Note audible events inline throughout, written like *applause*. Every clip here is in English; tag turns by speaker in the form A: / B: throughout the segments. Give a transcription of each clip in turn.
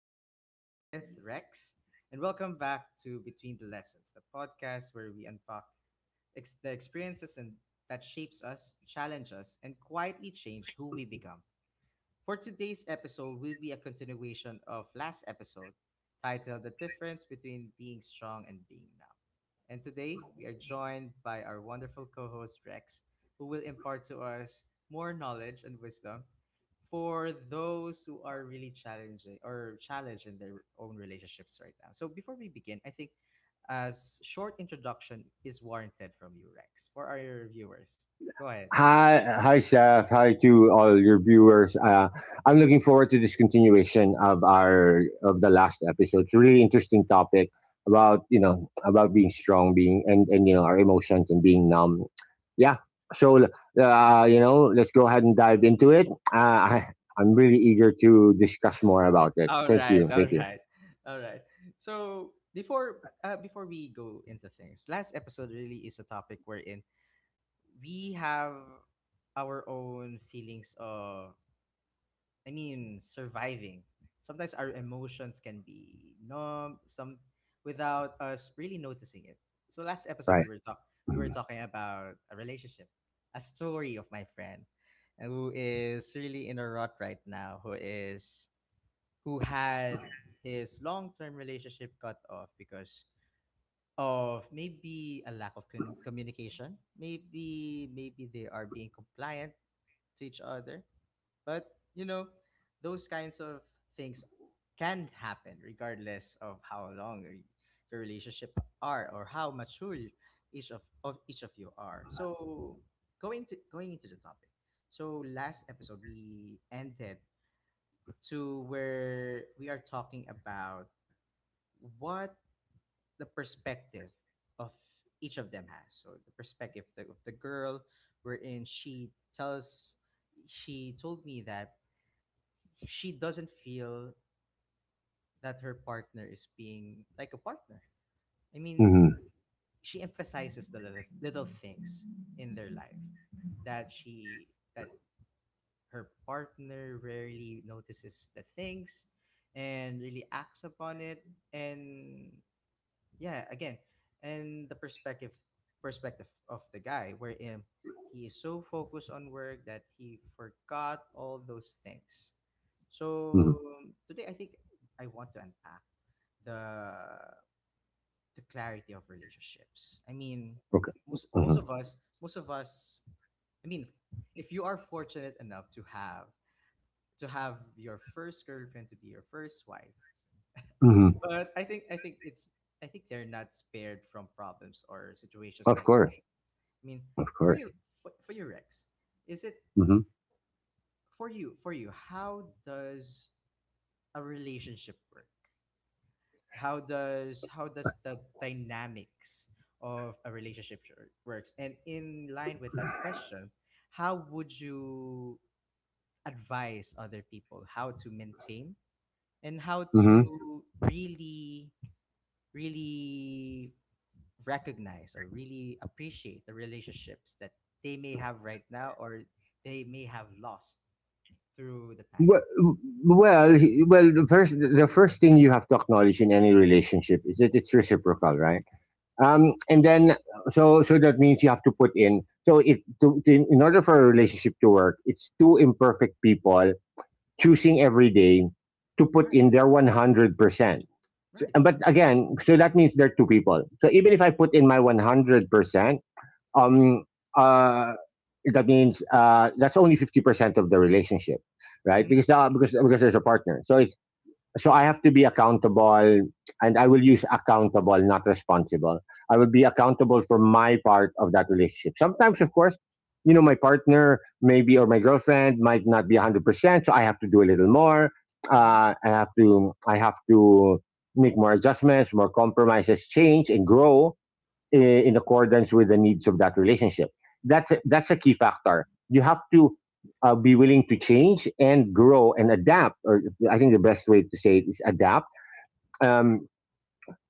A: again, and with Rex, and welcome back to Between the Lessons, the podcast where we unpack the experiences and that shapes us, challenge us, and quietly change who we become. For today's episode will be a continuation of last episode titled The Difference Between Being Strong and Being Numb. And today we are joined by our wonderful co-host Rex, who will impart to us more knowledge and wisdom for those who are really challenging or challenged in their own relationships right now. So before we begin, I think a short introduction is warranted from you, Rex, for our viewers. Go ahead.
B: Hi, hi, Chef. Hi to all your viewers. I'm looking forward to this continuation of our of the last episode. It's a really interesting topic about about being strong, being and you know our emotions and being numb. Yeah. So let's go ahead and dive into it. Uh, I, I'm really eager to discuss more about it.
A: All
B: Thank
A: right,
B: you.
A: all
B: Thank you.
A: right, all right. So before before we go into things, last episode really is a topic wherein we have our own feelings of, I mean, surviving. Sometimes our emotions can be numb, some without us really noticing it. So last episode
B: Right.
A: we were talking about a relationship, a story of my friend, who is really in a rut right now, who had his long-term relationship cut off because of maybe a lack of communication. Maybe they are being compliant to each other, but you know, those kinds of things can happen regardless of how long your relationship are or how mature each of you are. So going into the topic. So last episode we ended to where we are talking about what the perspective of each of them has. So the perspective of the girl, wherein she told me that she doesn't feel that her partner is being like a partner. I mean,
B: Mm-hmm.
A: she emphasizes the little, little things in their life that she that her partner rarely notices the things and really acts upon it and yeah again and the perspective of the guy wherein he is so focused on work that he forgot all those things
B: Mm-hmm.
A: so today I think I want to unpack the the clarity of relationships. I mean,
B: Okay.
A: most most
B: Mm-hmm.
A: of us most of us, I mean, if you are fortunate enough to have your first girlfriend to be your first wife.
B: Mm-hmm.
A: But I think it's, I think they're not spared from problems or situations
B: Of
A: like this.
B: course.
A: I mean,
B: Of
A: for
B: course.
A: your for your Rex, is it
B: Mm-hmm.
A: for you? How does a relationship work? How does the dynamics of a relationship works? And in line with that question, how would you advise other people how to maintain and how
B: Mm-hmm.
A: to really really recognize or really appreciate the relationships that they may have right now or they may have lost through the time.
B: Well, well, the first thing you have to acknowledge in any relationship is that it's reciprocal, right?
A: Mm.
B: Um, and then, so that means you have to put in. So in order for a relationship to work, it's two imperfect people choosing every day to put
A: Right,
B: in their 100%. So,
A: right.
B: But again, so that means there are two people. So even if I put in my 100% um, uh, that means that's only 50% of the relationship, right?
A: Mm-hmm.
B: Because there's a partner, so it's so I have to be accountable, and I will use accountable, not responsible. I will be accountable for my part of that relationship. Sometimes, of course, you know, my partner maybe or my girlfriend might not be 100%, so I have to do a little more.
A: Mm-hmm.
B: I have to make more adjustments, more compromises, change and grow in accordance with the needs of that relationship. That's
A: Yeah,
B: a, that's a key factor. You have to be willing to change and grow and adapt. Or I think the best way to say it is adapt. Um,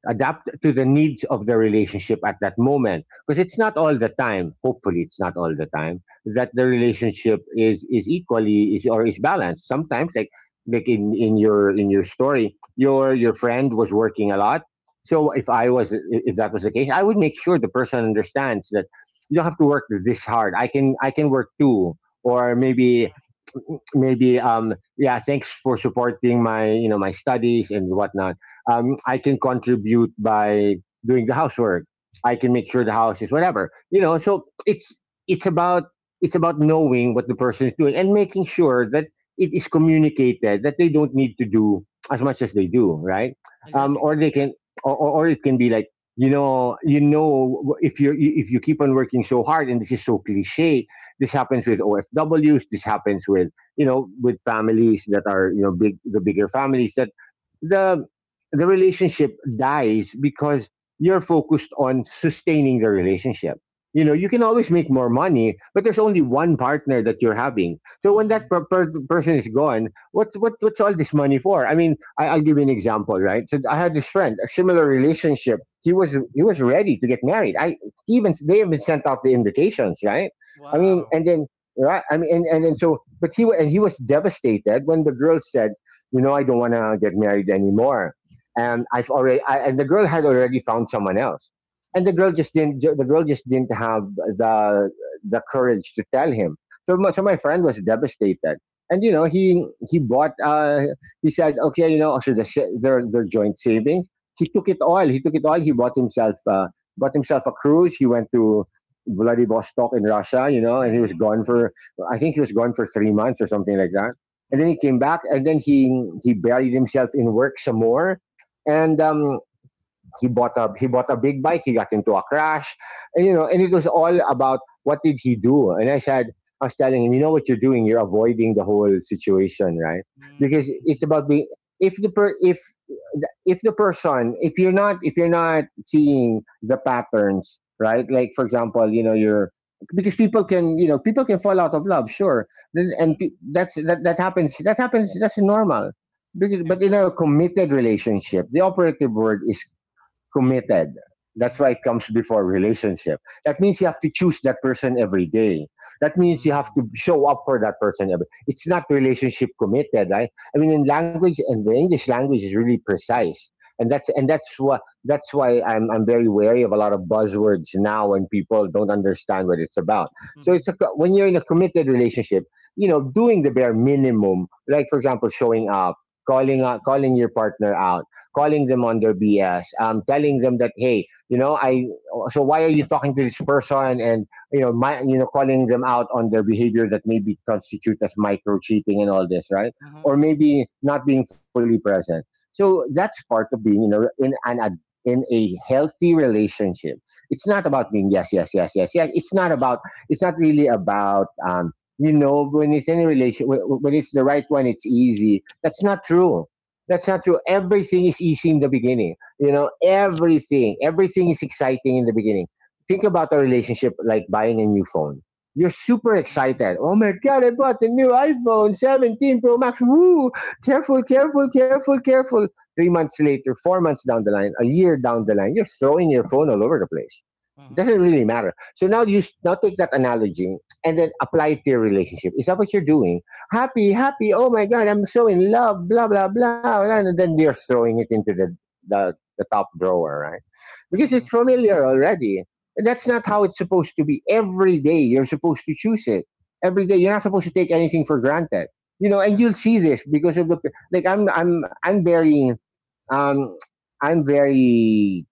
B: Adapt to the needs of the relationship at that moment, because it's not all the time hopefully it's not all the time that the relationship is equally is or is balanced. Sometimes, like in your story, your friend was working a lot. So if that was the case, I would make sure the person understands that you don't have to work this hard. I can work too, or
A: hmm
B: maybe yeah, thanks for supporting my, my studies and whatnot. I can contribute by doing the housework. I can make sure the house is whatever, you know. So it's about it's about knowing what the person is doing and making sure that it is communicated that they don't need to do as much as they do, right?
A: exactly.
B: Or they
A: Yeah.
B: can, or it can be like, you know, if you, keep on working so hard. And this is so cliche, this happens with OFWs. This happens with, you know, with families that are, you know, bigger families, that the relationship dies because you're focused on sustaining the relationship. You know, you can always make more money, but there's only one partner that you're having. So when that
A: mm
B: person is gone, what's all this money for? I mean, I'll give you an example, right? So I had this friend, a similar relationship. He was ready to get married. I he even They even sent out the invitations, right? I mean,
A: Wow.
B: and then, right. I mean, and so, but he, and he was devastated when the girl said, you know, I don't want to get married anymore.
A: Mm-hmm.
B: And the girl had already found someone else. And
A: Mm-hmm.
B: the girl just didn't have the courage to tell him. So my friend was devastated. And, you know, he bought, he said, okay, you know, so their joint savings, he took it all. He took it all. He bought himself a cruise. He went to Vladivostok in Russia, you know, and he was
A: Mm-hmm.
B: gone for, I think he was gone for 3 months or something like that. And
A: Mm-hmm.
B: then
A: Mm-hmm.
B: he came back, and then he buried himself in work some more.
A: Mm-hmm.
B: And he bought a big bike. He got into a crash, and, you know, and it was all about what did he do. And I said, I was telling him, you know what you're doing? You're avoiding the whole situation, right? Because it's
A: Mm-hmm.
B: about being, if the per if if the person, if you're not, if you're not seeing the patterns, right? Like, for example, you know, you're because people can, you know, people can fall out of love, sure. Then- and pe-
A: Mm-hmm.
B: that's that That happens. That's normal.
A: Yeah.
B: But in a committed relationship, the operative word is committed. That's
A: Mm-hmm.
B: why it comes before relationship. That means you have to choose that person every day. That means you have
A: Mm-hmm.
B: to show up for that person every. It's not relationship committed, right? I mean, in language and the English language is really precise, and that's why I'm very wary of a lot of buzzwords now when people don't understand what it's about. So
A: Mm-hmm.
B: it's a, when you're in a committed relationship, you know, doing the bare minimum, like, for example, showing up, calling out, calling your partner out, calling them on their BS, telling them that, hey, you know, so why are you talking to this person? And, you know, you know, calling them out on their behavior that maybe constitute as micro cheating and all this, right?
A: Mm-hmm.
B: Or
A: Mm-hmm.
B: maybe not being fully present. So that's part of being, you know, in a healthy relationship. It's not
A: Mm-hmm.
B: about being yes, yes, yes, yes, yes. It's not about, it's not really about, you know, when it's in a relation, when it's the right one, it's easy. That's not true. Everything is easy in the beginning. You know, everything is exciting in the beginning. Think about a relationship like buying a new phone. You're super
A: Mm-hmm.
B: excited. Oh my God, I bought the new iPhone 17 Pro Max. Woo! Careful, careful, careful, careful. 3 months later, 4 months down the line, a year down the line, you're throwing your phone all over the place. It
A: Mm-hmm.
B: doesn't really matter. So now you now take that analogy and then apply it to your relationship. Is that what you're doing? Happy, happy. Oh my God, I'm so in love, blah, blah, blah, blah. And then they're throwing it into the, the top drawer, right? Because
A: Mm-hmm.
B: it's familiar already. And that's not how it's supposed to be. Every day, you're supposed to choose it. Every day, you're not supposed to take anything for granted. You know,
A: Yeah.
B: and you'll see this because of the like. Um I'm very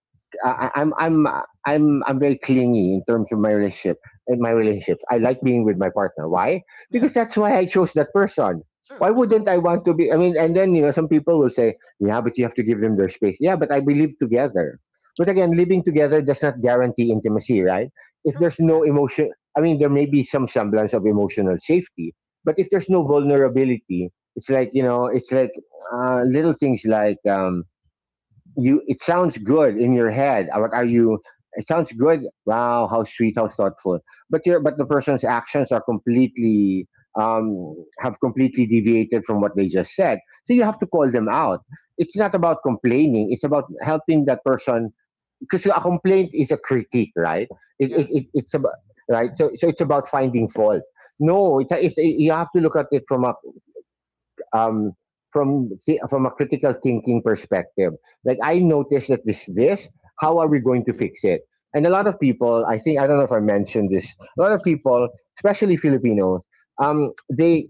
B: I- I'm very clingy in terms of my relationship in my relationships. I like being with my partner. Why?
A: Yeah.
B: Because that's why I chose that person.
A: True.
B: Why
A: True.
B: wouldn't I want to be? I mean, and then, you know, some people will say, yeah, but you have to give them their space. Yeah, but I believe together. But again, living together does not guarantee intimacy, right? If
A: True.
B: there's no
A: Yeah.
B: emotion, I mean, there may be some semblance of emotional safety, but if there's no vulnerability, it's like, you know, it's like, little things like, you, it sounds good in your head. Are you? It sounds good. Wow, how sweet, how thoughtful. But the person's actions are completely um, have completely deviated from what they just said. So you
A: Mm-hmm.
B: have to call them out. It's not about complaining. It's about helping that person, because a complaint is a critique, right? It, it,
A: Yeah.
B: it it's about, right. So it's about finding fault. No, it's you have to look at it from a, um, from a critical thinking perspective. Like, I noticed that this, how are we going to fix it? And a lot of people, I think, I don't know if I mentioned this. A lot of people, especially Filipinos, um, they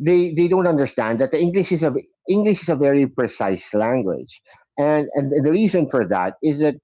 B: they don't understand that the English is a very precise language, and the reason for that is that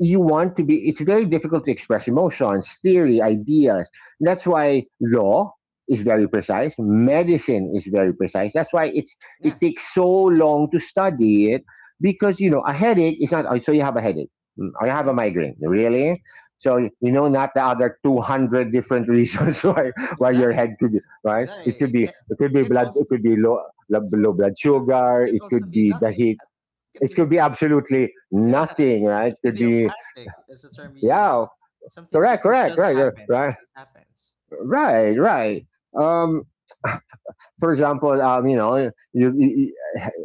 B: you want to be it's very difficult to express emotions, theory, ideas. And that's why law is very precise, medicine is very precise, that's why it
A: Yeah.
B: takes so long to study it, because, you know, a headache is not, "Oh, so you have a headache. Mm, I have a
A: Mm-hmm.
B: migraine." Really? So, you know, not the other 200 different reasons *laughs* why, your head
A: Exactly.
B: could be, right? it
A: Exactly.
B: could
A: It
B: be
A: can, it can
B: blood,
A: also
B: it could be low,
A: it's
B: low
A: true,
B: blood
A: it's true.
B: sugar,
A: It can
B: it
A: also
B: could
A: be
B: be the
A: nothing.
B: heat,
A: It can
B: it
A: be
B: could be absolutely
A: yeah,
B: nothing, right? It could be,
A: idiopathic is the term we use.
B: yeah,
A: Something
B: correct,
A: it
B: correct,
A: just
B: right, yeah,
A: happens.
B: right,
A: It just happens.
B: right, right. Um, for example,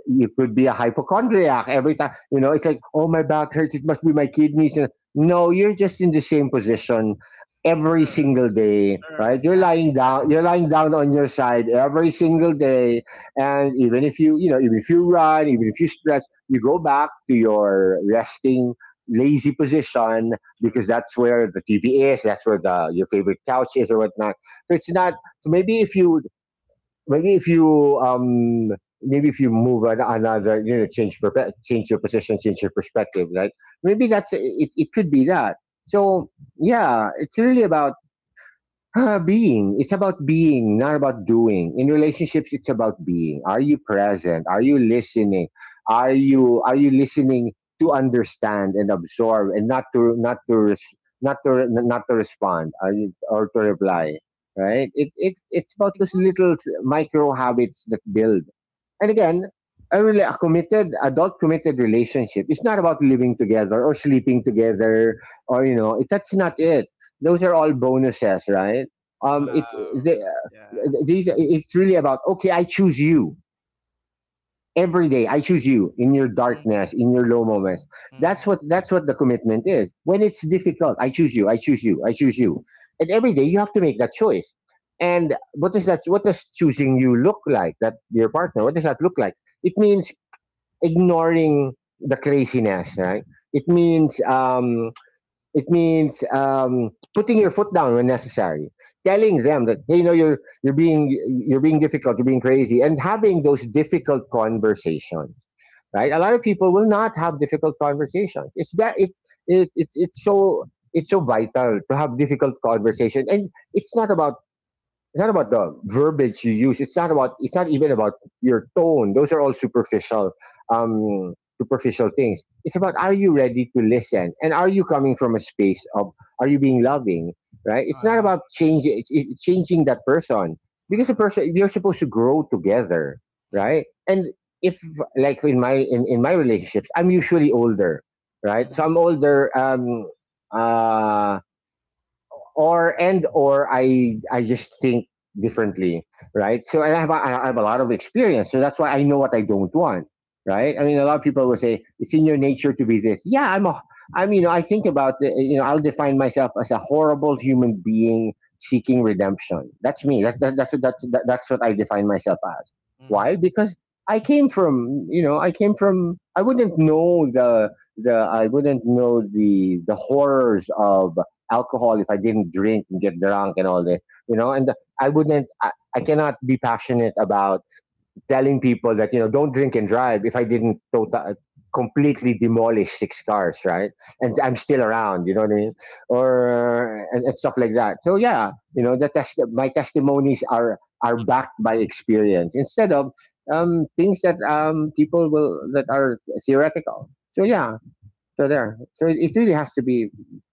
B: you could be a hypochondriac every time. You know, it's like, oh, my back hurts. It must be my kidneys. No, you're just in the same position every
A: True.
B: single day, right?
A: True.
B: You're
A: Yeah, *laughs*
B: lying down. You're
A: exactly.
B: lying down on your side every single day, and even if you, even if you run, even if you stretch, you go back to your resting lazy position because
A: True.
B: that's where the TV is, that's where the your favorite couch is or whatnot. So it's not so maybe if you maybe if you maybe if you move another, change your position, change your perspective, right? Maybe that's it, could be that. So yeah, it's really about being. It's about being, not about doing. In relationships, it's about being. Are you present? Are you listening? Are you listening to understand and absorb, and not to not to res- not to re- not to respond, or to reply? Right? It's about those
A: Exactly.
B: little micro habits that build. And again, a committed relationship. It's not about living together or sleeping together, or it, that's not it. Those are all bonuses, right? It
A: Wow. Yeah.
B: the, these it's really about, okay, I choose you every day. I choose you in your darkness,
A: Mm-hmm.
B: in your low moments. That's
A: Mm-hmm.
B: what that's what the commitment is. When it's difficult, I choose you. I choose you. I choose you. And every day you have to make that choice. And what does that? What does choosing you look like? That your partner. What does that look like? It means ignoring the craziness, right? It means um, it means putting your foot down when necessary, telling them that, hey, you're being difficult, you're being crazy, and having those difficult conversations, right? A lot of
A: Mm-hmm.
B: people will not have difficult conversations. It's that it, it's so vital to have difficult conversation, and it's not about the verbiage you use. It's not about. It's not even about your tone. Those are all superficial, um, things. It's about, are you ready to listen, and are you coming from a space of, are you being loving, right? It's not
A: Wow.
B: about changing, it's changing that person, because the
A: Wow.
B: person you're supposed to grow together,
A: Mm-hmm.
B: right? And if, like, in my relationships, I'm usually older, right? So
A: Mm-hmm.
B: I'm older. Uh, or I just think differently, right? So I have a lot of experience, so that's why I know what I don't want, right? I mean, a lot of people will say it's in your nature to be this. Yeah, I'm a I'm you know I think about the, you know I'll define myself as a horrible human being seeking redemption. That's me. That's what I define myself as.
A: Mm-hmm.
B: Why? Because I came from you know I came from I wouldn't know the horrors of alcohol if I didn't drink and get drunk and all that. And I wouldn't, I cannot be passionate about telling people that, don't drink and drive if I didn't tota completely demolish six cars, right? And I'm still around, you know what I mean, and stuff like that. So yeah, my testimonies are backed by experience instead of things that people will that are theoretical. So yeah, so there. So it really has to be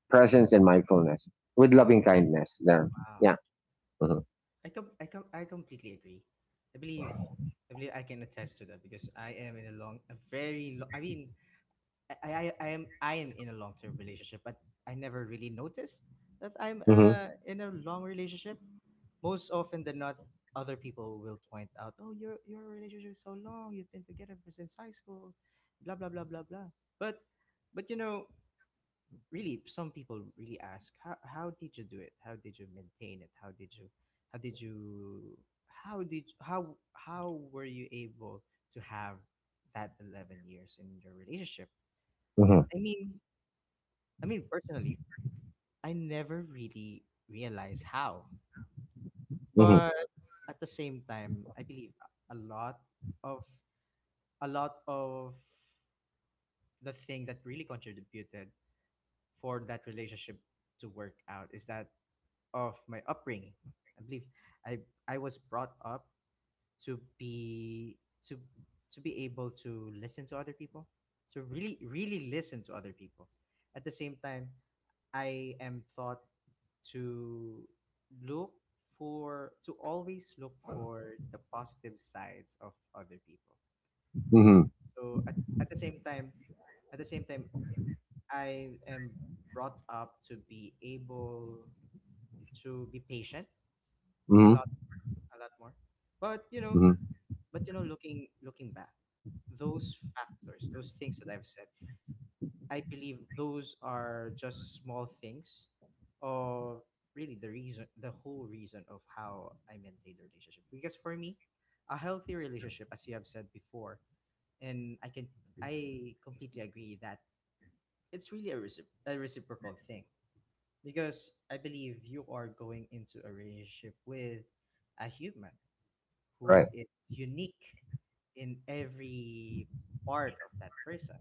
B: presence and mindfulness with loving
A: Wow.
B: kindness. There.
A: Wow.
B: Yeah. Mhm.
A: I completely agree. I believe I believe I can attest to that because I am in a long a very long, I mean, I am, I am in a long term relationship but I never really noticed that I'm
B: Hmm,
A: in a long relationship. Most often than not, other people will point out, oh, your relationship is so long, you've been together for since high school, blah blah blah blah blah. But but you know really some people really ask how did you do it how did you maintain it, how did you how did, how were you able to have that 11 years in your relationship.
B: hmm,
A: I mean, I mean, personally, I never really realized how.
B: hmm,
A: But at the same time, I believe of a lot of the thing that really contributed for that relationship to work out is that of my upbringing. I believe I I was brought up to be to to be able to listen to other people, to really really listen to other people. At the same time, I am taught to look for to always look for the positive sides of other people.
B: hmm,
A: So at the same time, at the same time, I am brought up to be able to be patient a lot.
B: hmm,
A: A lot more. But you know,
B: hmm.
A: but you know, looking, looking back, those factors, those things that I've said, I believe those are just small things of really the reason, the whole reason of how I maintain the relationship. Because for me, a healthy relationship, as you have said before, and I can, I completely agree that it's really a, recip a reciprocal thing. Because I believe you are going into a relationship with a human who
B: Right.
A: is unique in every part of that person.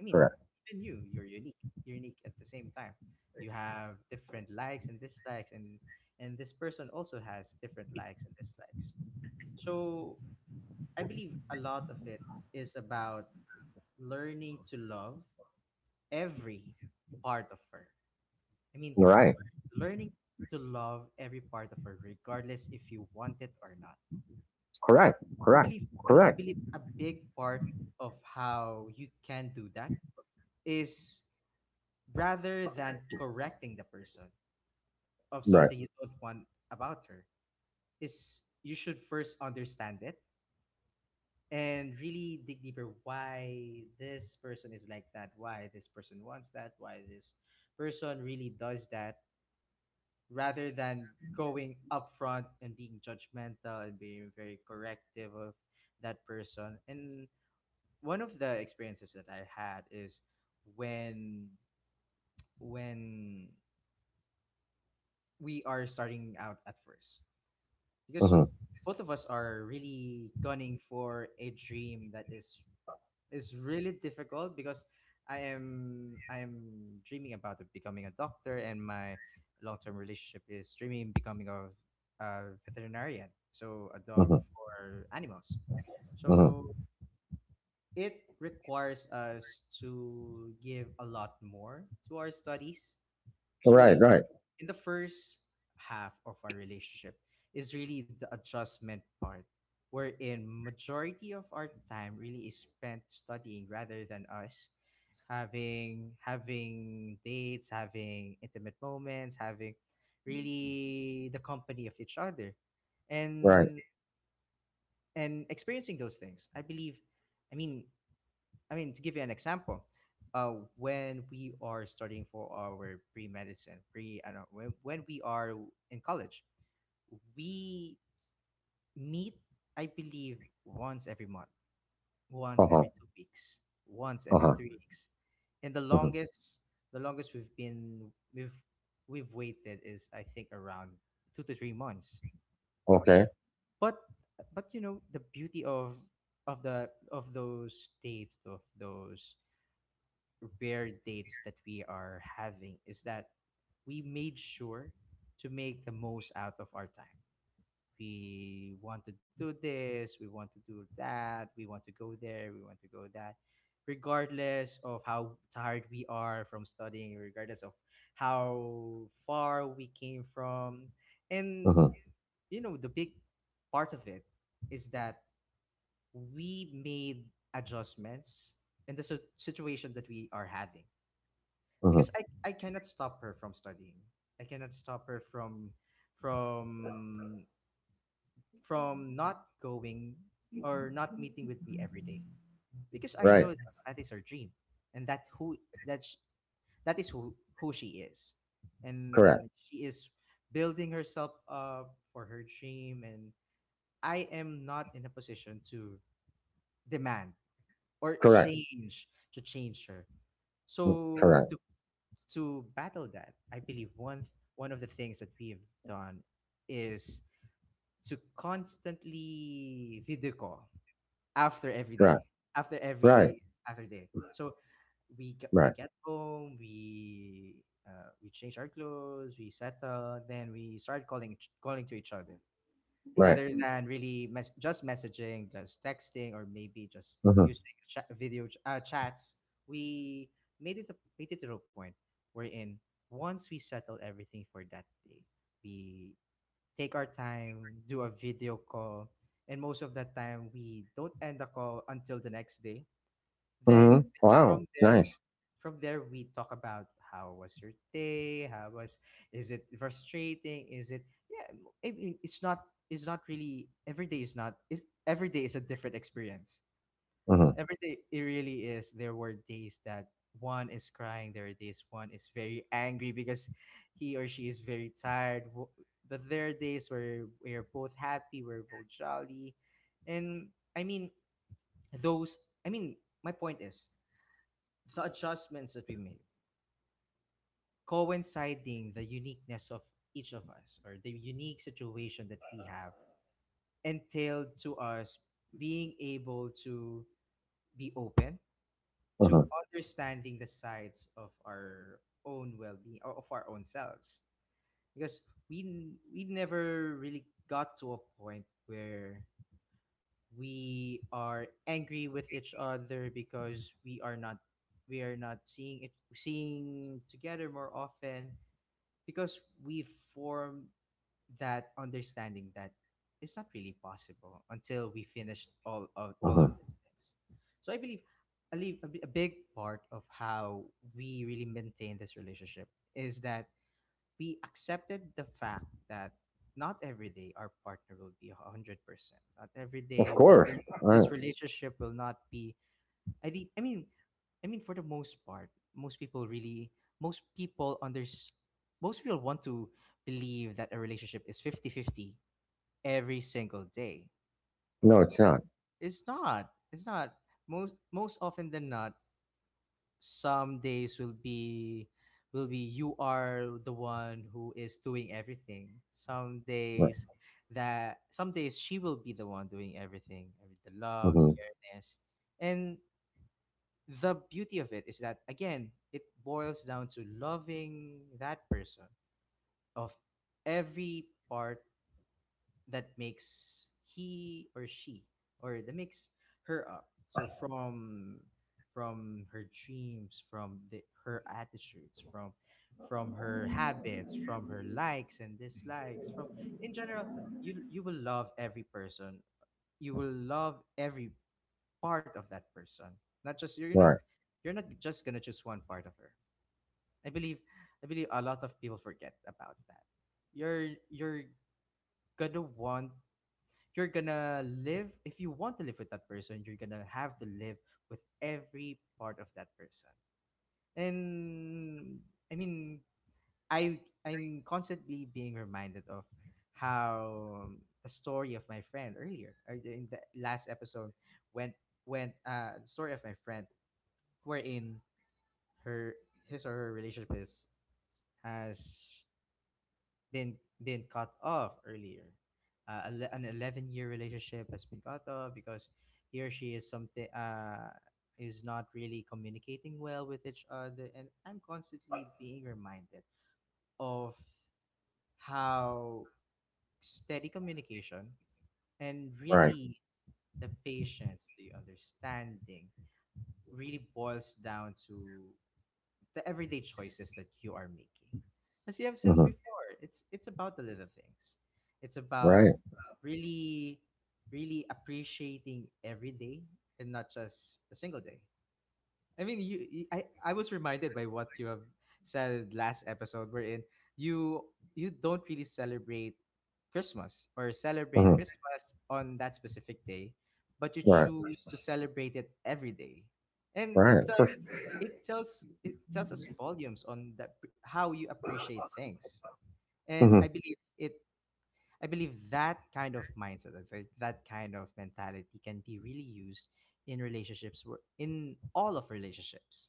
A: I mean,
B: Correct.
A: even you, you're unique. You're unique at the same time. You have different likes and dislikes, and this person also has different likes and dislikes. So I believe a lot of it is about learning to love every part of her. I mean,
B: Right.
A: learning to love every part of her, regardless if you want it or not.
B: Correct. Correct.
A: I
B: Correct.
A: believe a big part of how you can do that is rather than correcting the person of
B: Right.
A: something you don't want about her is you should first understand it and really dig deeper why this person is like that, why this person wants that, why this person really does that, rather than going upfront and being judgmental and being very corrective of that person. And one of the experiences that I had is when when we are starting out at first, because
B: Hmm,
A: both of us are really gunning for a dream that is really difficult because I am, I am dreaming about becoming a doctor and my long term relationship is dreaming becoming a veterinarian, so a dog
B: hmm,
A: for animals, so
B: hmm.
A: it requires us to give a lot more to our studies. So,
B: Right. Right.
A: in the first half of our relationship is really the adjustment part, wherein majority of our time really is spent studying rather than us having dates, having intimate moments, having really the company of each other,
B: Right.
A: and and experiencing those things. I believe, I mean, I mean, to give you an example, when we are studying for our pre-medicine, I don't when we are in college, we meet, I believe, once every month, once
B: Uh huh.
A: every 2 weeks, once every
B: Uh
A: 3 weeks. And
B: huh.
A: the longest we've been, we've waited is, I think, around 2 to 3 months.
B: Okay.
A: But, but you know, the beauty of the, of those dates, of those rare dates that we are having is that we made sure to make the most out of our time. We want to do this, we want to do that, we want to go there, we want to go that, regardless of how tired we are from studying, regardless of how far we came from. And,
B: Hmm,
A: you know, the big part of it is that we made adjustments in the situation that we are having because
B: hmm.
A: I cannot stop her from studying. I cannot stop her from from not going or not meeting with me every day because I
B: Right.
A: know that, that is her dream and that sh- that is who she is,
B: Correct.
A: and she is building herself up for her dream, and I am not in a position to demand or
B: Correct.
A: change to change her. So
B: Correct.
A: to battle that, I believe one of the things that we have done is to constantly video call after every
B: Right.
A: day, after
B: Right.
A: every other day. So we
B: Right.
A: get home, we, we change our clothes, we settle, then we start calling calling to each other
B: Right.
A: rather than really just messaging, just texting, or maybe just using chat, chats, we made it to a point wherein once we settle everything for that day, we take our time, do a video call, and most of the time we don't end the call until the next day. Then
B: Hmm.
A: from
B: Wow.
A: there,
B: Nice.
A: from there we talk about how was your day? How was, is it frustrating? Is it, yeah? I mean, it's not. It's not really every day. Is not. Is every day is a different experience.
B: Hmm,
A: Every day it really is. There were days that one is crying. There are days one is very angry because he or she is very tired. But there are days where we are both happy. We're both jolly, and I mean those. I mean, my point is the adjustments that we made, coinciding the uniqueness of each of us or the unique situation that we have, entailed to us being able to be open to
B: hmm,
A: understanding the sides of our own well-being or of our own selves, because we never really got to a point where we are angry with each other, because we are not seeing it, seeing together more often, because we form that understanding that it's not really possible until we finished all of
B: hmm.
A: these things. So I believe a, li- a bi- a big part of how we really maintain this relationship is that we accepted the fact that not every day our partner will be 100%. Not every
B: Of
A: day
B: course. Right.
A: this relationship will not be. I re- I mean, I mean, for the most part, most people really, most people unders, most people want to believe that a relationship is 50-50 every single day.
B: No, it's not.
A: It's not. It's not. Most often than not, some days will be you are the one who is doing everything. Some
B: No.
A: days, that some days she will be the one doing everything. I mean, the love, the
B: Mm-hmm.
A: careness, and the beauty of it is that, again, it boils down to loving that person, of every part that makes he or she, or that makes her up. So from her dreams, her attitudes, from her habits, from her likes and dislikes, from, in general, you will love every person, you will love every part of that person. Not just you're not
B: Right.
A: You're not just gonna choose one part of her. I believe I believe a lot of people forget about that. You're you're gonna want you're gonna live. If you want to live with that person, you're gonna have to live with every part of that person. And, I mean, I'm constantly being reminded of how, the story of my friend earlier, or in the last episode, went. When, the story of my friend, wherein her his or her relationship is has been been cut off earlier. An 11-year relationship has been cut off because he or she is something, is not really communicating well with each other, and I'm constantly being reminded of how steady communication, and
B: Right.
A: really the patience, the understanding, really boils down to the everyday choices that you are making. As you have said
B: Mm-hmm.
A: before, it's about the little things. It's about
B: Right.
A: really really appreciating every day, and not just a single day. I mean, I was reminded by what you have said last episode, wherein you don't really celebrate Christmas, or celebrate
B: Mm-hmm.
A: Christmas on that specific day, but you
B: Right.
A: choose to celebrate it every day, and it
B: Right.
A: tells
B: For sure.
A: it tells it tells us volumes on that, how you appreciate things, and
B: Mm-hmm.
A: I believe it. I believe that kind of mindset, I think that kind of mentality, can be really used in relationships, in all of relationships.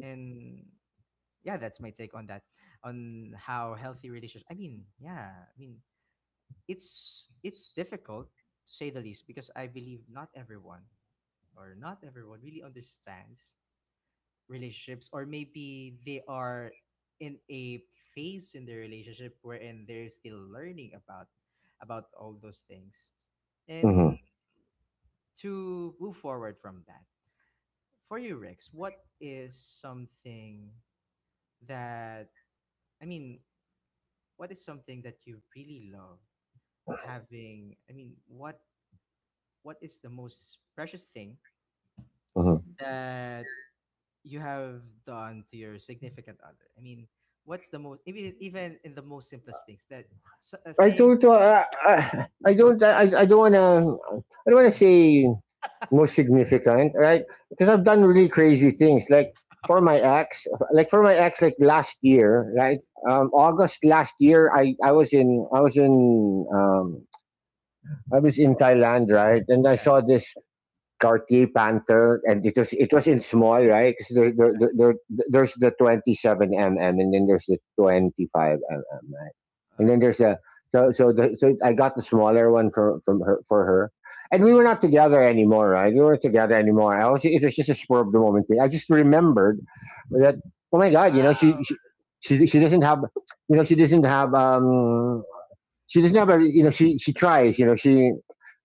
A: And yeah, that's my take on that, on how healthy relationships, I mean, yeah, I mean, it's difficult, to say the least, because I believe not everyone really understands relationships, or maybe they are in a phase in their relationship wherein they're still learning about, all those things,
B: Mm-hmm.
A: and to move forward from that. For you, Rex, what is something that, I mean, what is something that you really love having? I mean, what is the most precious thing
B: Mm-hmm.
A: that you have done to your significant other? I mean, what's the most, even in the most simplest things, that, a
B: I
A: thing
B: don't. I don't. I don't want to. I don't want to say most significant, right? Because I've done really crazy things. Like,
A: that. *laughs*
B: for my ex, like last year, right? August last year, I was in Thailand, right? And I
A: Yeah.
B: saw this Cartier Panther, and it was in small, right? 'Cause there's the 27 mm, and then there's the 25 mm, right? And
A: uh,
B: then there's a so so the, so I got the smaller one for her, and we were
A: mm-hmm.
B: not together anymore, right? We weren't together anymore. I was it was just a spur of the moment thing. I just remembered that, oh my god,
A: Wow.
B: she doesn't have, she doesn't have, she just never, she tries, you know she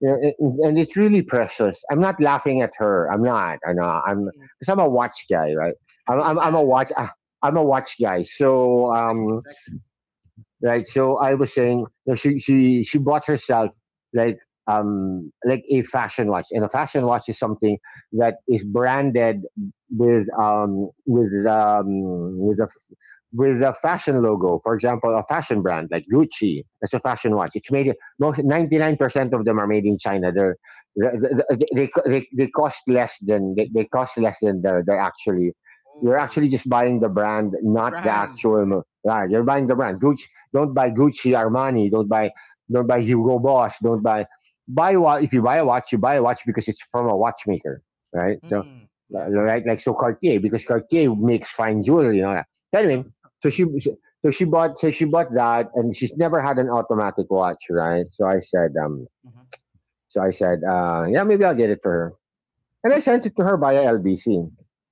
B: you know, it— and it's really precious. I'm not laughing at her, I'm not, I know, I'm
A: Mm,
B: because I'm a
A: maybe.
B: watch guy, right? i'm
A: *laughs*
B: i'm,
A: Yeah.
B: I'm a watch I, am a watch guy, so
A: exactly
B: um
A: exactly
B: Right? So I was saying, you know, she bought herself, like, like a fashion watch, and a fashion watch is something that is branded with um with um with a f- with a fashion logo. For example, a fashion brand like Gucci, that's a fashion watch. It's made most 99% of them are made in China. They cost less than they cost less than they're actually. You're
A: Oh,
B: actually just buying the brand,
A: the
B: not the
A: brand.
B: actual. Right, you're buying the brand. Gucci, don't buy Gucci, Armani. Don't buy Hugo Boss. Don't buy buy wa- if you buy a watch, you buy a watch because it's from a watchmaker, right? So,
A: Mm, yeah.
B: right, like, so Cartier, because Cartier
A: Mm,
B: makes fine jewelry, you know that. Anyway,
A: true.
B: so she so she bought that, and she's never had an automatic watch, right? So I said um
A: Mm-hmm.
B: so I said uh yeah, maybe I'll get it for her. And I sent it to her via LBC.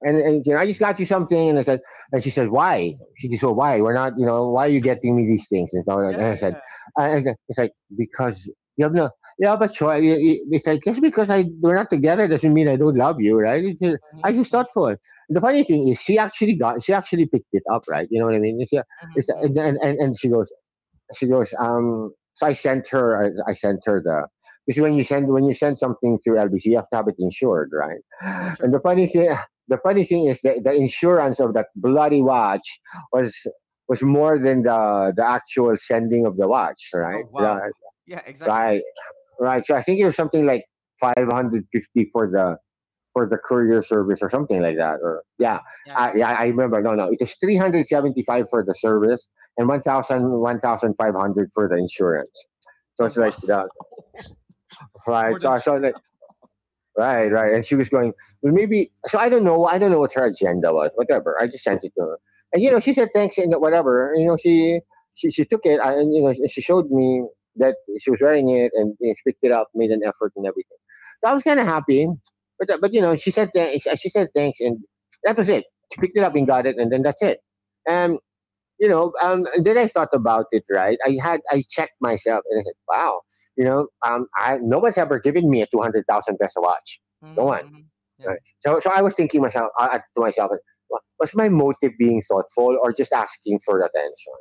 B: And,
A: Mm-hmm.
B: and you know, I just got you something, and I said, and she said, why? She just said, why? We're not, why are you getting me these things? And so, and
A: yeah
B: I said,
A: yeah
B: and it's like, because you have no, yeah, but sure. It's like, just because I we're not together doesn't mean I don't love you, right? It's,
A: Mm-hmm.
B: I just
A: Mm-hmm.
B: thought for it. The funny thing is, she actually picked it up, right? You know what I mean? It's,
A: Mm-hmm.
B: and she goes, so I sent her, because when you send something through LBC, you have to have it insured,
A: Yeah,
B: right?
A: sure.
B: And the
A: True.
B: funny thing, the funny thing is that the insurance of that bloody watch was, was more than the actual sending of the watch,
A: Oh,
B: right?
A: wow. Yeah, exactly.
B: Right, right. So I think it was something like 550 for the courier service or something like that. Or
A: Uh,
B: yeah,
A: yeah, yeah.
B: yeah, I remember. No, no, it was 375 for the service and 1,000 1,500 for the insurance. So
A: Oh
B: it's
A: wow,
B: like that,
A: *laughs* more
B: right? So,
A: than.
B: I so Right, right. And she was going, well, maybe. So I don't know. I don't know what her agenda was. Whatever. I just sent it to her, and
A: Mm-hmm,
B: she said thanks and whatever. You know, she took it, I- and you know she showed me that she was wearing it, and, she picked it up, made an effort and everything. So I was kind of happy, but she said, thanks, and that was it. She picked it up and
A: mm-hmm,
B: got it, and then
A: mm-hmm,
B: that's it. Um and then I thought about it, right? I checked myself and I said, wow, no one's ever given me a 200,000 peso watch. No
A: mm-hmm,
B: one.
A: mm-hmm. Yeah.
B: Right? So I was thinking to myself, "Wa- was my motive being thoughtful or just asking for attention?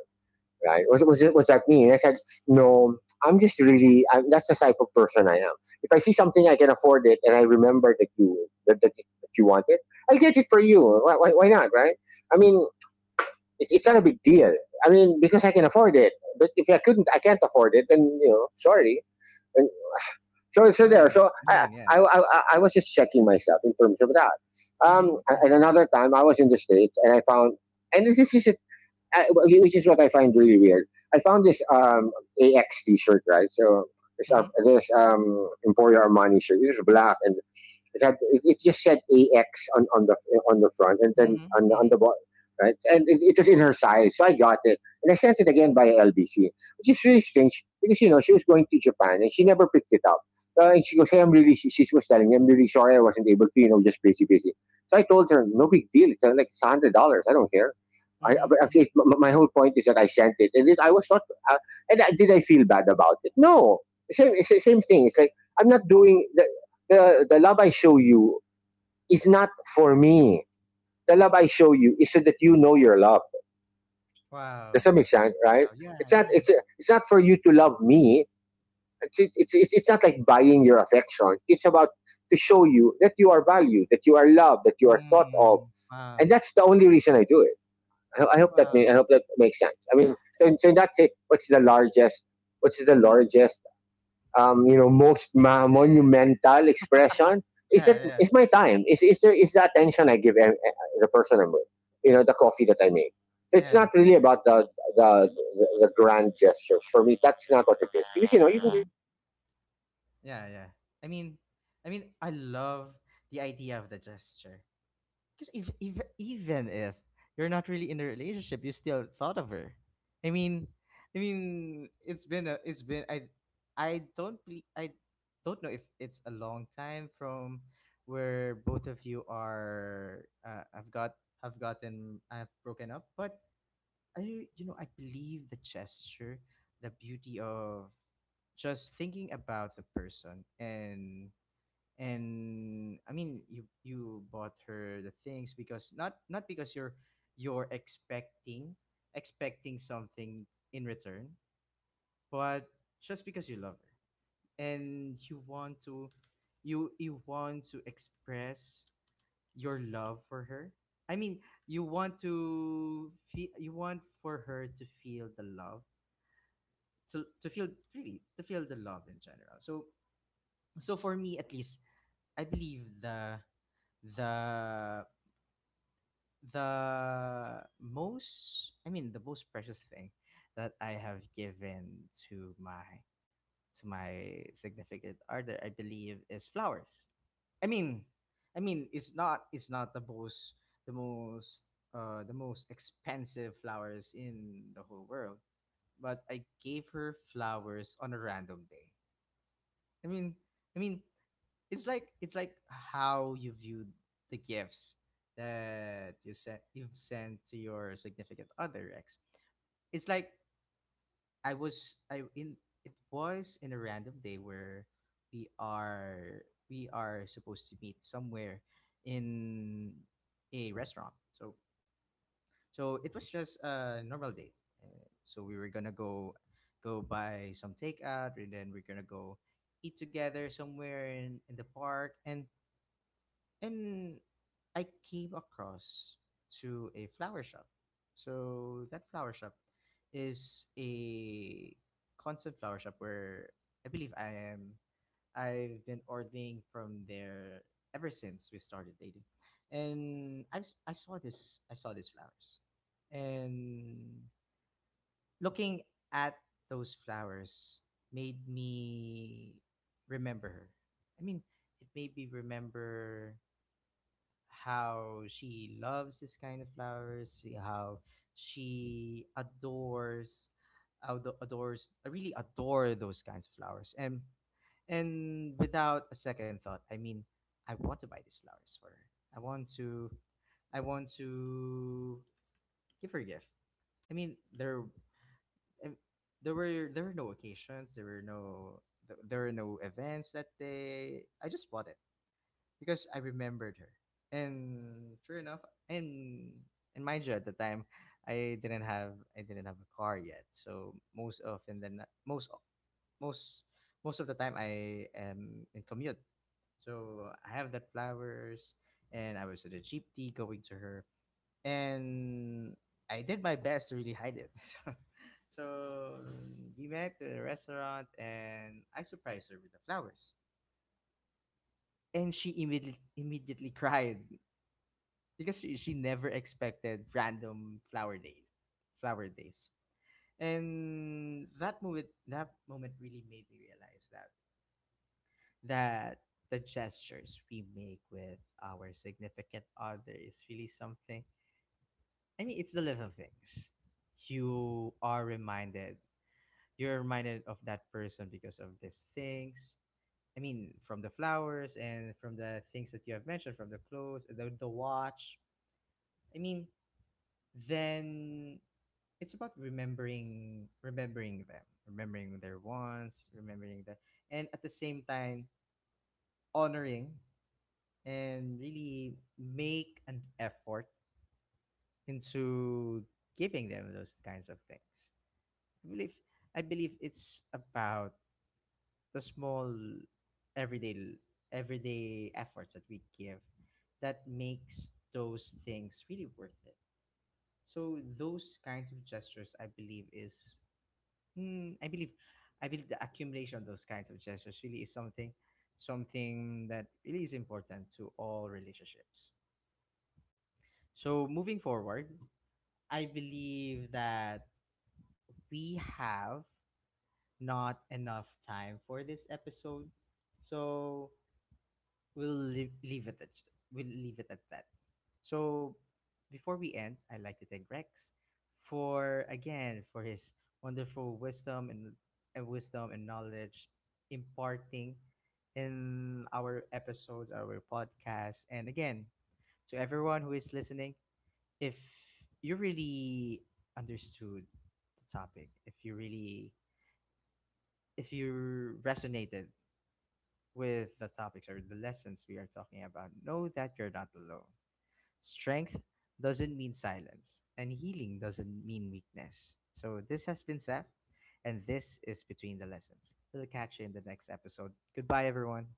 B: Right? Was that me?" And I said, no, I'm just really, that's the type of person I am. If I see something I can afford it and I remember that that you want it, I'll get it for you. Why not, right? I mean, it's not a big deal. I mean, because I can afford it. But if I couldn't, I can't afford it, then, sorry. And so,
A: I
B: so there.
A: mean,
B: So I,
A: yeah.
B: I, I, I was just checking myself in terms of that. Um,
A: Mm-hmm,
B: and
A: mm-hmm,
B: another time, I was in the States and I found, and this is a, I- which is what I find really weird. I found this, AX shirt, right? So this, uh,
A: mm-hmm,
B: this um, Emporio Armani shirt. This is black and it just said AX on, on the on the front, and then on the, on
A: mm-hmm,
B: the bottom, right? And it was in her size, so I got it, and I sent it again by LBC, which is really strange because she was going to Japan and she never picked it up. And she goes, "Hey, I'm really." She was telling me, "I'm really sorry, I wasn't able to. You know, just busy, busy." So I told her, "No big deal. It's, $100. I don't care." I,
A: mm-hmm,
B: I, I
A: mm-hmm.
B: feel- my whole point is that I sent it, and I was not. Uh, did I feel bad about it? No. Same, it's the same thing. It's like, I'm not doing the, love I show you is not for me. The love I show you is so that you know your love. Does
A: Wow,
B: that make sense? Right?
A: wow, yeah,
B: It's not.
A: yeah.
B: It's not for you to love me. It's not like buying your affection. It's about to show you that you are valued, that you are loved, that you are thought of,
A: Mm,
B: and
A: wow,
B: that's the only reason I do it. I
A: wow.
B: hope that makes sense. I mean, so in that sense, what's the largest? What's the
A: I mean,
B: largest,
A: I it's
B: most
A: yeah, yeah,
B: monumental expression, is that
A: yeah, yeah,
B: is my time. Is the attention I give, the person I'm with. You know, the coffee that I make. So it's
A: yeah. Yeah.
B: not really about the the, the grand gestures for me. That's not what it is. Because, you know, you
A: Mm-hmm. Yeah, yeah. I mean, I love the idea of the gesture. Because if even if you're not really in a relationship, you still thought of her. I mean, it's been a, it's been I don't be, I don't know if it's a long time from where both of you are. I've got, have gotten, I've broken up, but I you know I believe the gesture, the beauty of just thinking about the person. And I mean, you bought her the things, because not, not because you're expecting something in return, but just because you love her, and you want to, you want to express your love for her. I mean, you want to feel, you want for her to feel the love, to feel, really to feel the love in general. So, for me, at least, I believe the, the the most, I mean, the most precious thing that I have given to my, to my significant other, I believe, is flowers. I mean i mean it's not the most, the most expensive flowers in the whole world, but I gave her flowers on a random day. I mean i mean it's like how you viewed the gifts that you've sent to your significant other ex. It's like, I, in it was in a random day where we are we are supposed to meet somewhere in a restaurant. So, it was just a normal date. So we were gonna go, buy some takeout, and then we're gonna go eat together somewhere in, the park. And I came across to a flower shop. So that flower shop is a constant flower shop where I believe I've been ordering from there ever since we started dating. And I, s- I saw this I saw these flowers. And looking at those flowers made me remember her. I mean, it made me remember how she loves this kind of flowers, how she adores, adores, really adore those kinds of flowers. And without a second thought, I mean, I want to buy these flowers for her. I want to, I want to give her a gift. I mean, I- there were no occasions, there were no events that day. I just bought it because I remembered her. And sure enough, and and mind you, at the time, I didn't have a car yet. So, most often than not- most most most of the time I am in commute. So I have that flowers, and I was at a jeepney going to her, and I did my best to really hide it. *laughs* So we met at a restaurant, and I surprised her with the flowers, and she immediately *laughs* cried because she never expected random flower days, flower days. And that moment really made me realize that, that the gestures we make with our significant other is really something. I mean, it's the little things. you are reminded you're reminded of that person because of these things. I mean, from the flowers, and from the things that you have mentioned, from the clothes, the watch. I mean, then it's about remembering, them, remembering their wants, remembering that, and at the same time honoring, and really make an effort into giving them those kinds of things. I believe i believe it's about the small everyday, efforts that we give, that makes those things really worth it. So those kinds of gestures, I believe, is, Mm, I believe, I believe the accumulation of those kinds of gestures really is something, that really is important to all relationships. So moving forward, I believe that we have not enough time for this episode. So we'll leave, leave it at we'll leave it at that. So before we end, I'd like to thank Rex for again for his wonderful wisdom and, wisdom and knowledge, imparting in our episodes, our podcasts, and again, to everyone who is listening, if you really understood the topic, if you resonated with the topics or the lessons we are talking about, know that you're not alone. Strength doesn't mean silence, and healing doesn't mean weakness. So, this has been Seth, and this is Between the Lessons. We'll catch you in the next episode. Goodbye, everyone.